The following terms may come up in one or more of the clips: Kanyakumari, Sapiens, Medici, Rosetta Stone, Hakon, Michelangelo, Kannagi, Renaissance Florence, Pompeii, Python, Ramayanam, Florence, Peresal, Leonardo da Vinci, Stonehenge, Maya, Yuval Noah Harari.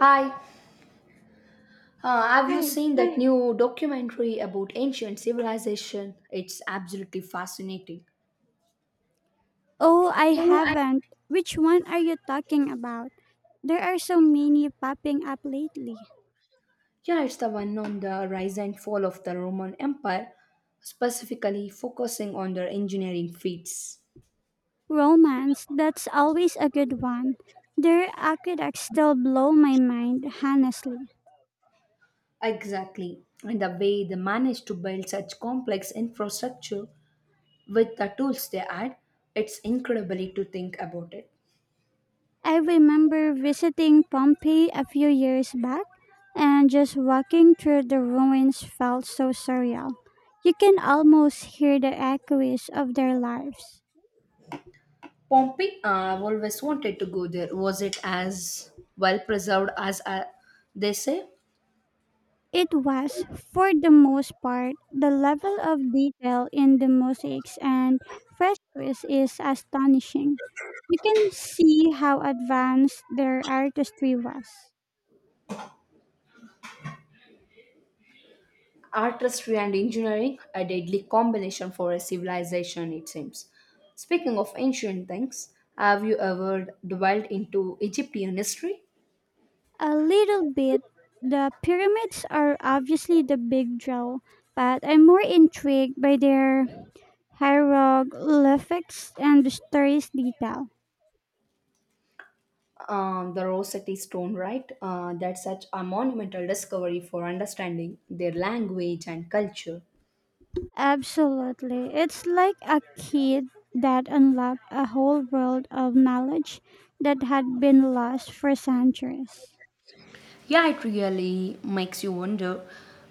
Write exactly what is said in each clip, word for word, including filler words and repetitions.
Hi, uh, have you Hi. seen that new documentary about ancient civilization? It's absolutely fascinating. Oh, I Oh, I haven't. Which one are you talking about? There are so many popping up lately. Yeah, it's the one on the rise and fall of the Roman Empire, specifically focusing on their engineering feats. Romance, that's always a good one. Their aqueducts still blow my mind, honestly. Exactly, and the way they managed to build such complex infrastructure with the tools they had, it's incredibly to think about it. I remember visiting Pompeii a few years back, and just walking through the ruins felt so surreal. You can almost hear the echoes of their lives. Pompeii, uh, I've always wanted to go there. Was it as well preserved as uh, they say? It was, for the most part, the level of detail in the mosaics and frescoes is astonishing. You can see how advanced their artistry was. Artistry and engineering, a deadly combination for a civilization, it seems. Speaking of ancient things, have you ever dwelled into Egyptian history? A little bit, the pyramids are obviously the big draw, but I'm more intrigued by their hieroglyphics and the story's detail. Um, the Rosetta Stone, right? Uh, that's such a monumental discovery for understanding their language and culture. Absolutely. It's like a kid that unlocked a whole world of knowledge that had been lost for centuries. Yeah, it really makes you wonder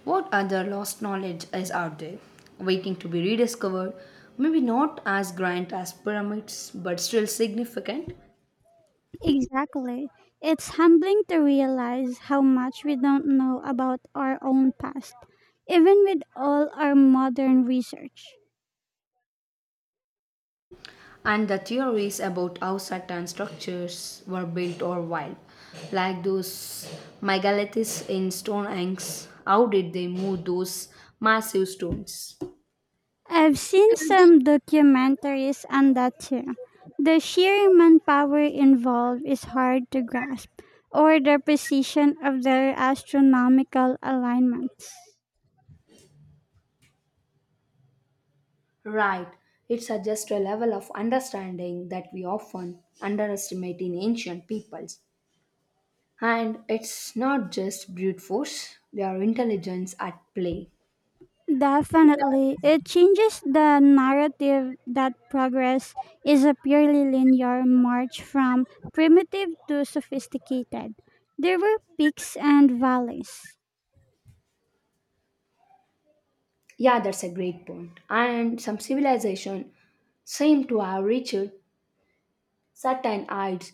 what other lost knowledge is out there, waiting to be rediscovered. Maybe not as grand as pyramids, but still significant. Exactly. It's humbling to realize how much we don't know about our own past, even with all our modern research. And the theories about how certain structures were built or wild, like those megaliths in Stonehenge, how did they move those massive stones? I've seen some documentaries on that too. The sheer manpower involved is hard to grasp, or the precision of their astronomical alignments. Right, it suggests a level of understanding that we often underestimate in ancient peoples. And it's not just brute force, they are intelligence at play. Definitely, it changes the narrative that progress is a purely linear march from primitive to sophisticated. There were peaks and valleys. Yeah, that's a great point. And some civilization seem to have reached certain heights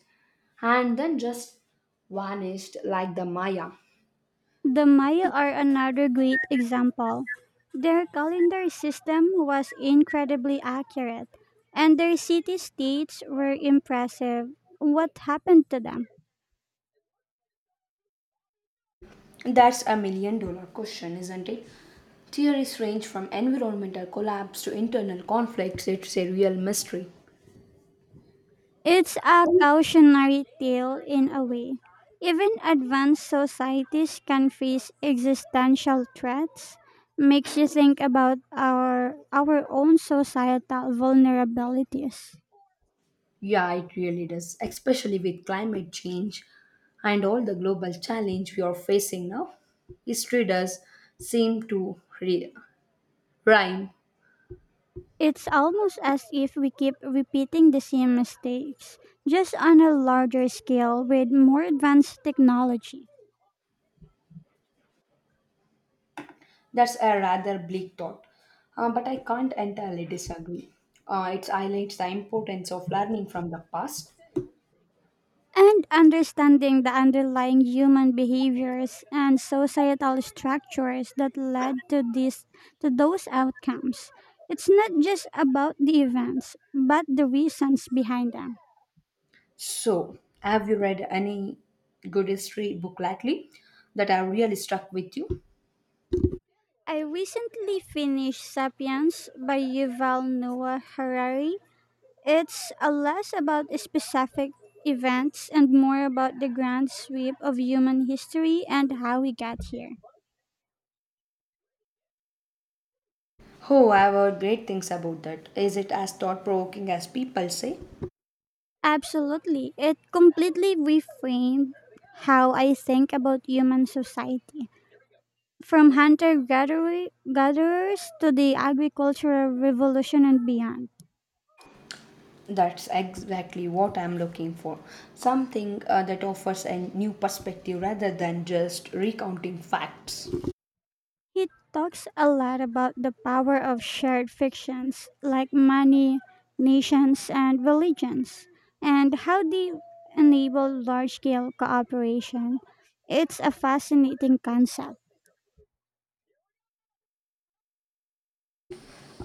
and then just vanished like the Maya. The Maya are another great example. Their calendar system was incredibly accurate, and their city states were impressive. What happened to them? That's a million dollar question, isn't it? Theories range from environmental collapse to internal conflicts. It's a real mystery. It's a cautionary tale in a way. Even advanced societies can face existential threats. Makes you think about our our own societal vulnerabilities. Yeah, it really does, especially with climate change and all the global challenge we are facing now. History does seem to re- rhyme. It's almost as if we keep repeating the same mistakes, just on a larger scale with more advanced technology. That's a rather bleak thought, Uh, but I can't entirely disagree. Uh, it highlights the importance of learning from the past. And understanding the underlying human behaviors and societal structures that led to this to those outcomes. It's not just about the events, but the reasons behind them. So, have you read any good history book lately that have really stuck with you? I recently finished Sapiens by Yuval Noah Harari. It's a less about specific events and more about the grand sweep of human history and how we got here. Oh, I've heard great things about that. Is it as thought provoking as people say? Absolutely. It completely reframed how I think about human society. From hunter gatherer gatherers to the agricultural revolution and beyond. That's exactly what I'm looking for. Something uh, that offers a new perspective rather than just recounting facts. He talks a lot about the power of shared fictions like money, nations, and religions, and how they enable large scale cooperation. It's a fascinating concept.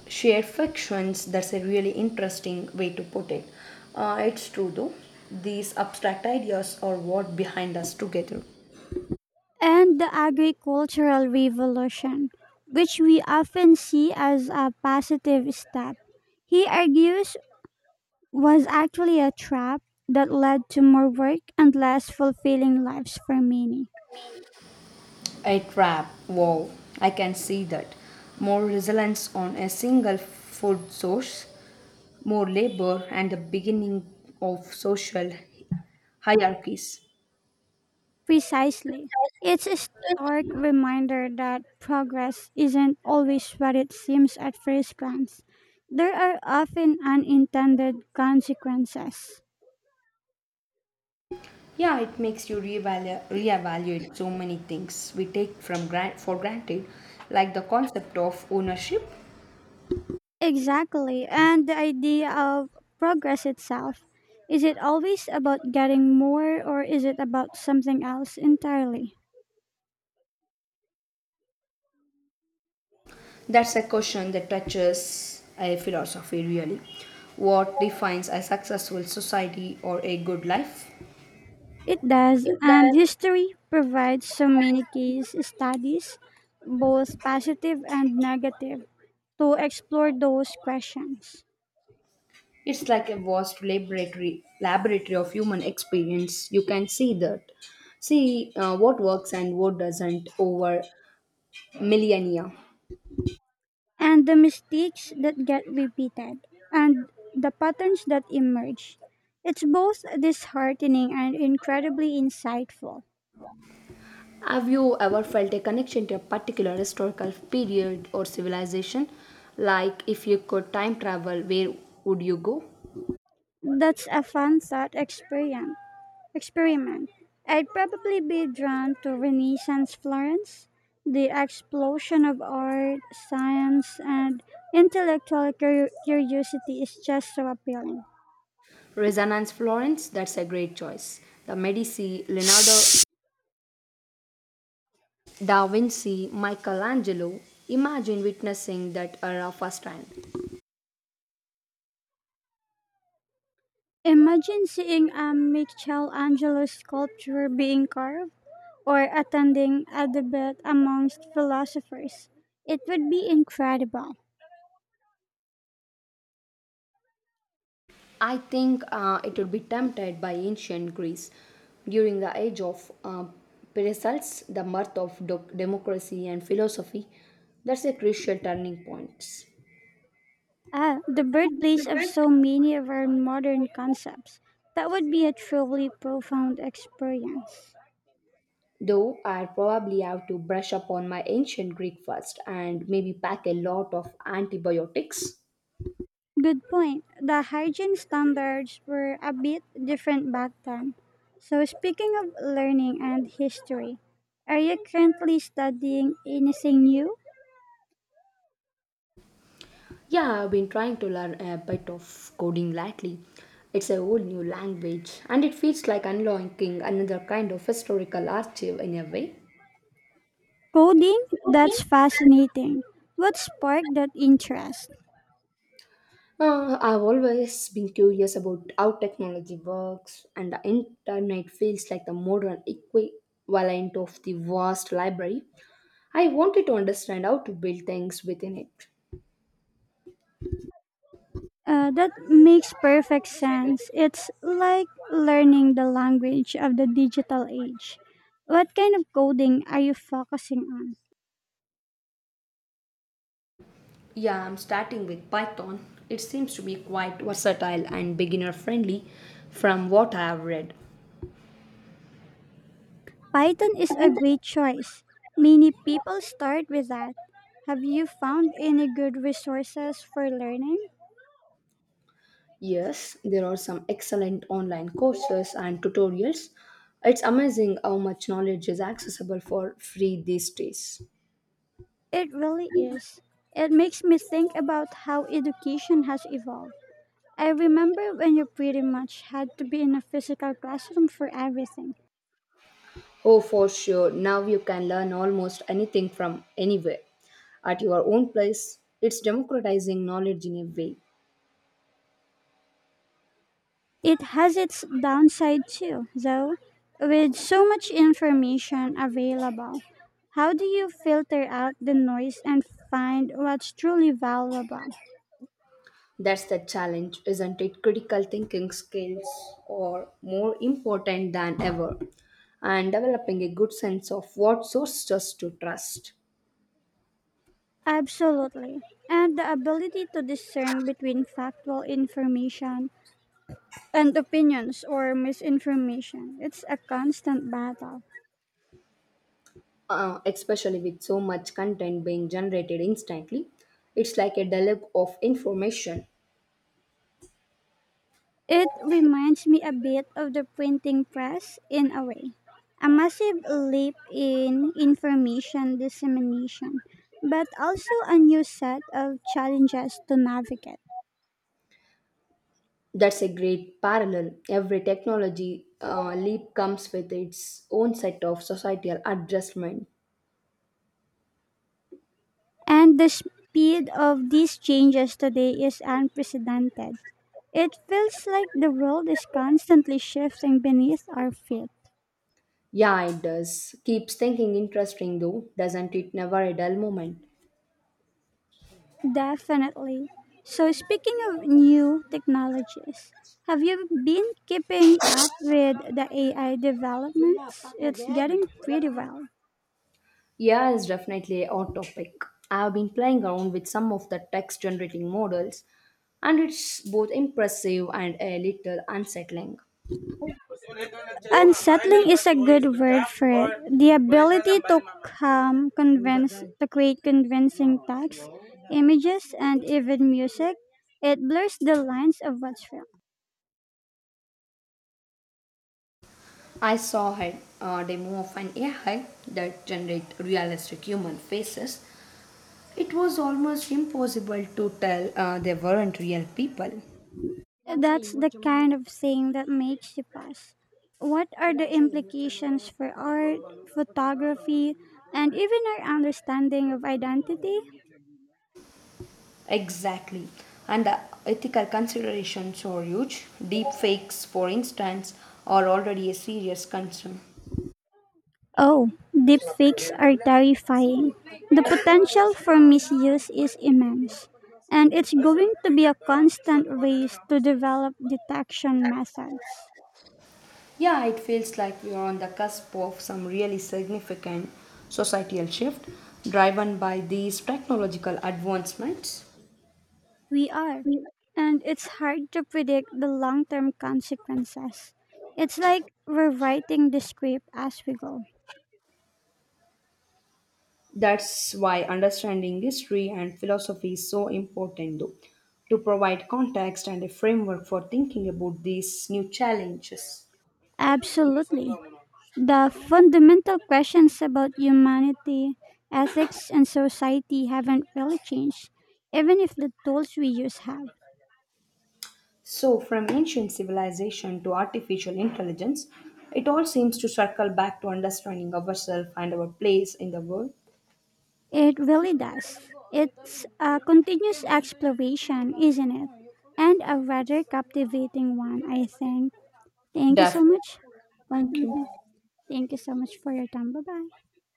Shared fictions, that's a really interesting way to put it. Uh, it's true though. These abstract ideas are what behind us together. And the agricultural revolution, which we often see as a positive step, he argues was actually a trap that led to more work and less fulfilling lives for many. A trap. Wow, I can see that. More reliance on a single food source, more labor, and the beginning of social hierarchies. Precisely. It's a stark reminder that progress isn't always what it seems at first glance. There are often unintended consequences. Yeah, it makes you reevalu- reevaluate so many things we take from grant for granted, like the concept of ownership. Exactly. And the idea of progress itself, is it always about getting more or is it about something else entirely? That's a question that touches a philosophy really. What defines a successful society or a good life? It does, If and that history provides so many case studies, both positive and negative, to explore those questions. it's like a vast laboratory, laboratory of human experience. You can see that, see uh, what works and what doesn't over millennia. And the mistakes that get repeated and the patterns that emerge. It's both disheartening and incredibly insightful. Have you ever felt a connection to a particular historical period or civilization? Like if you could time travel, where would you go? That's a fun thought experiment. Experiment. I'd probably be drawn to Renaissance Florence, the explosion of art, science, and intellectual cur- curiosity is just so appealing. Resonance Florence, that's a great choice. The Medici, Leonardo da Vinci, Michelangelo. Imagine witnessing that era firsthand. Imagine seeing a Michelangelo sculpture being carved or attending a debate amongst philosophers. It would be incredible. I think uh, it would be tempted by ancient Greece. During the age of uh, Peresal's, the birth of doc- democracy and philosophy, that's a crucial turning point. Ah, the birthplace of so many of our modern concepts. That would be a truly profound experience. Though I probably have to brush up on my ancient Greek first and maybe pack a lot of antibiotics. Good point. The hygiene standards were a bit different back then. So, speaking of learning and history, are you currently studying anything new? Yeah, I've been trying to learn a bit of coding lately. It's a whole new language and it feels like unlocking another kind of historical archive in a way. Coding? That's fascinating. What sparked that interest? Uh, I've always been curious about how technology works, and the internet feels like the modern equivalent of the vast library. I wanted to understand how to build things within it. Uh, that makes perfect sense. It's like learning the language of the digital age. What kind of coding are you focusing on? Yeah, I'm starting with Python. It seems to be quite versatile and beginner friendly from what I have read. Python is a great choice. Many people start with that. Have you found any good resources for learning? Yes, there are some excellent online courses and tutorials. It's amazing how much knowledge is accessible for free these days. It really is. It makes me think about how education has evolved. I remember when you pretty much had to be in a physical classroom for everything. Oh, for sure. Now you can learn almost anything from anywhere at your own place. It's democratizing knowledge in a way. It has its downside too, though. With so much information available, how do you filter out the noise and find what's truly valuable? That's the challenge, isn't it? Critical thinking skills are more important than ever, and developing a good sense of what sources to trust, Absolutely. And the ability to discern between factual information and opinions or misinformation. It's a constant battle. uh, especially with so much content being generated instantly. It's like a deluge of information. It reminds me a bit of the printing press in a way. A massive leap in information dissemination, but also a new set of challenges to navigate. That's a great parallel. Every technology uh, leap comes with its own set of societal adjustment. And the speed of these changes today is unprecedented. It feels like the world is constantly shifting beneath our feet. Yeah, it does. Keeps thinking interesting though, doesn't it? Never a dull moment. Definitely. So, speaking of new technologies, have you been keeping up with the A I developments? It's getting pretty wild. Yeah, it's definitely a hot topic. I've been playing around with some of the text generating models, and it's both impressive and a little unsettling. Unsettling is a good word for it. The ability to come convince to create convincing text, images, and even music, it blurs the lines of what's real. I saw a uh, demo of an A I that generates realistic human faces. It was almost impossible to tell uh, they weren't real people. That's the kind of saying that makes you pause. What are the implications for art, photography, and even our understanding of identity? Exactly. And the ethical considerations are huge. Deep fakes, for instance, are already a serious concern. Oh, deepfakes are terrifying. The potential for misuse is immense, and it's going to be a constant race to develop detection methods. Yeah, it feels like we are on the cusp of some really significant societal shift driven by these technological advancements. We are, and it's hard to predict the long term consequences. It's like we're writing the script as we go. That's why understanding history and philosophy is so important, though, to provide context and a framework for thinking about these new challenges. Absolutely. The fundamental questions about humanity, ethics, and society haven't really changed, even if the tools we use have. So, from ancient civilization to artificial intelligence, it all seems to circle back to understanding ourselves and our place in the world. It really does. It's a continuous exploration, isn't it? And a rather captivating one, I think. Thank you so much. Definitely, thank you. Thank you so much for your time. Bye bye.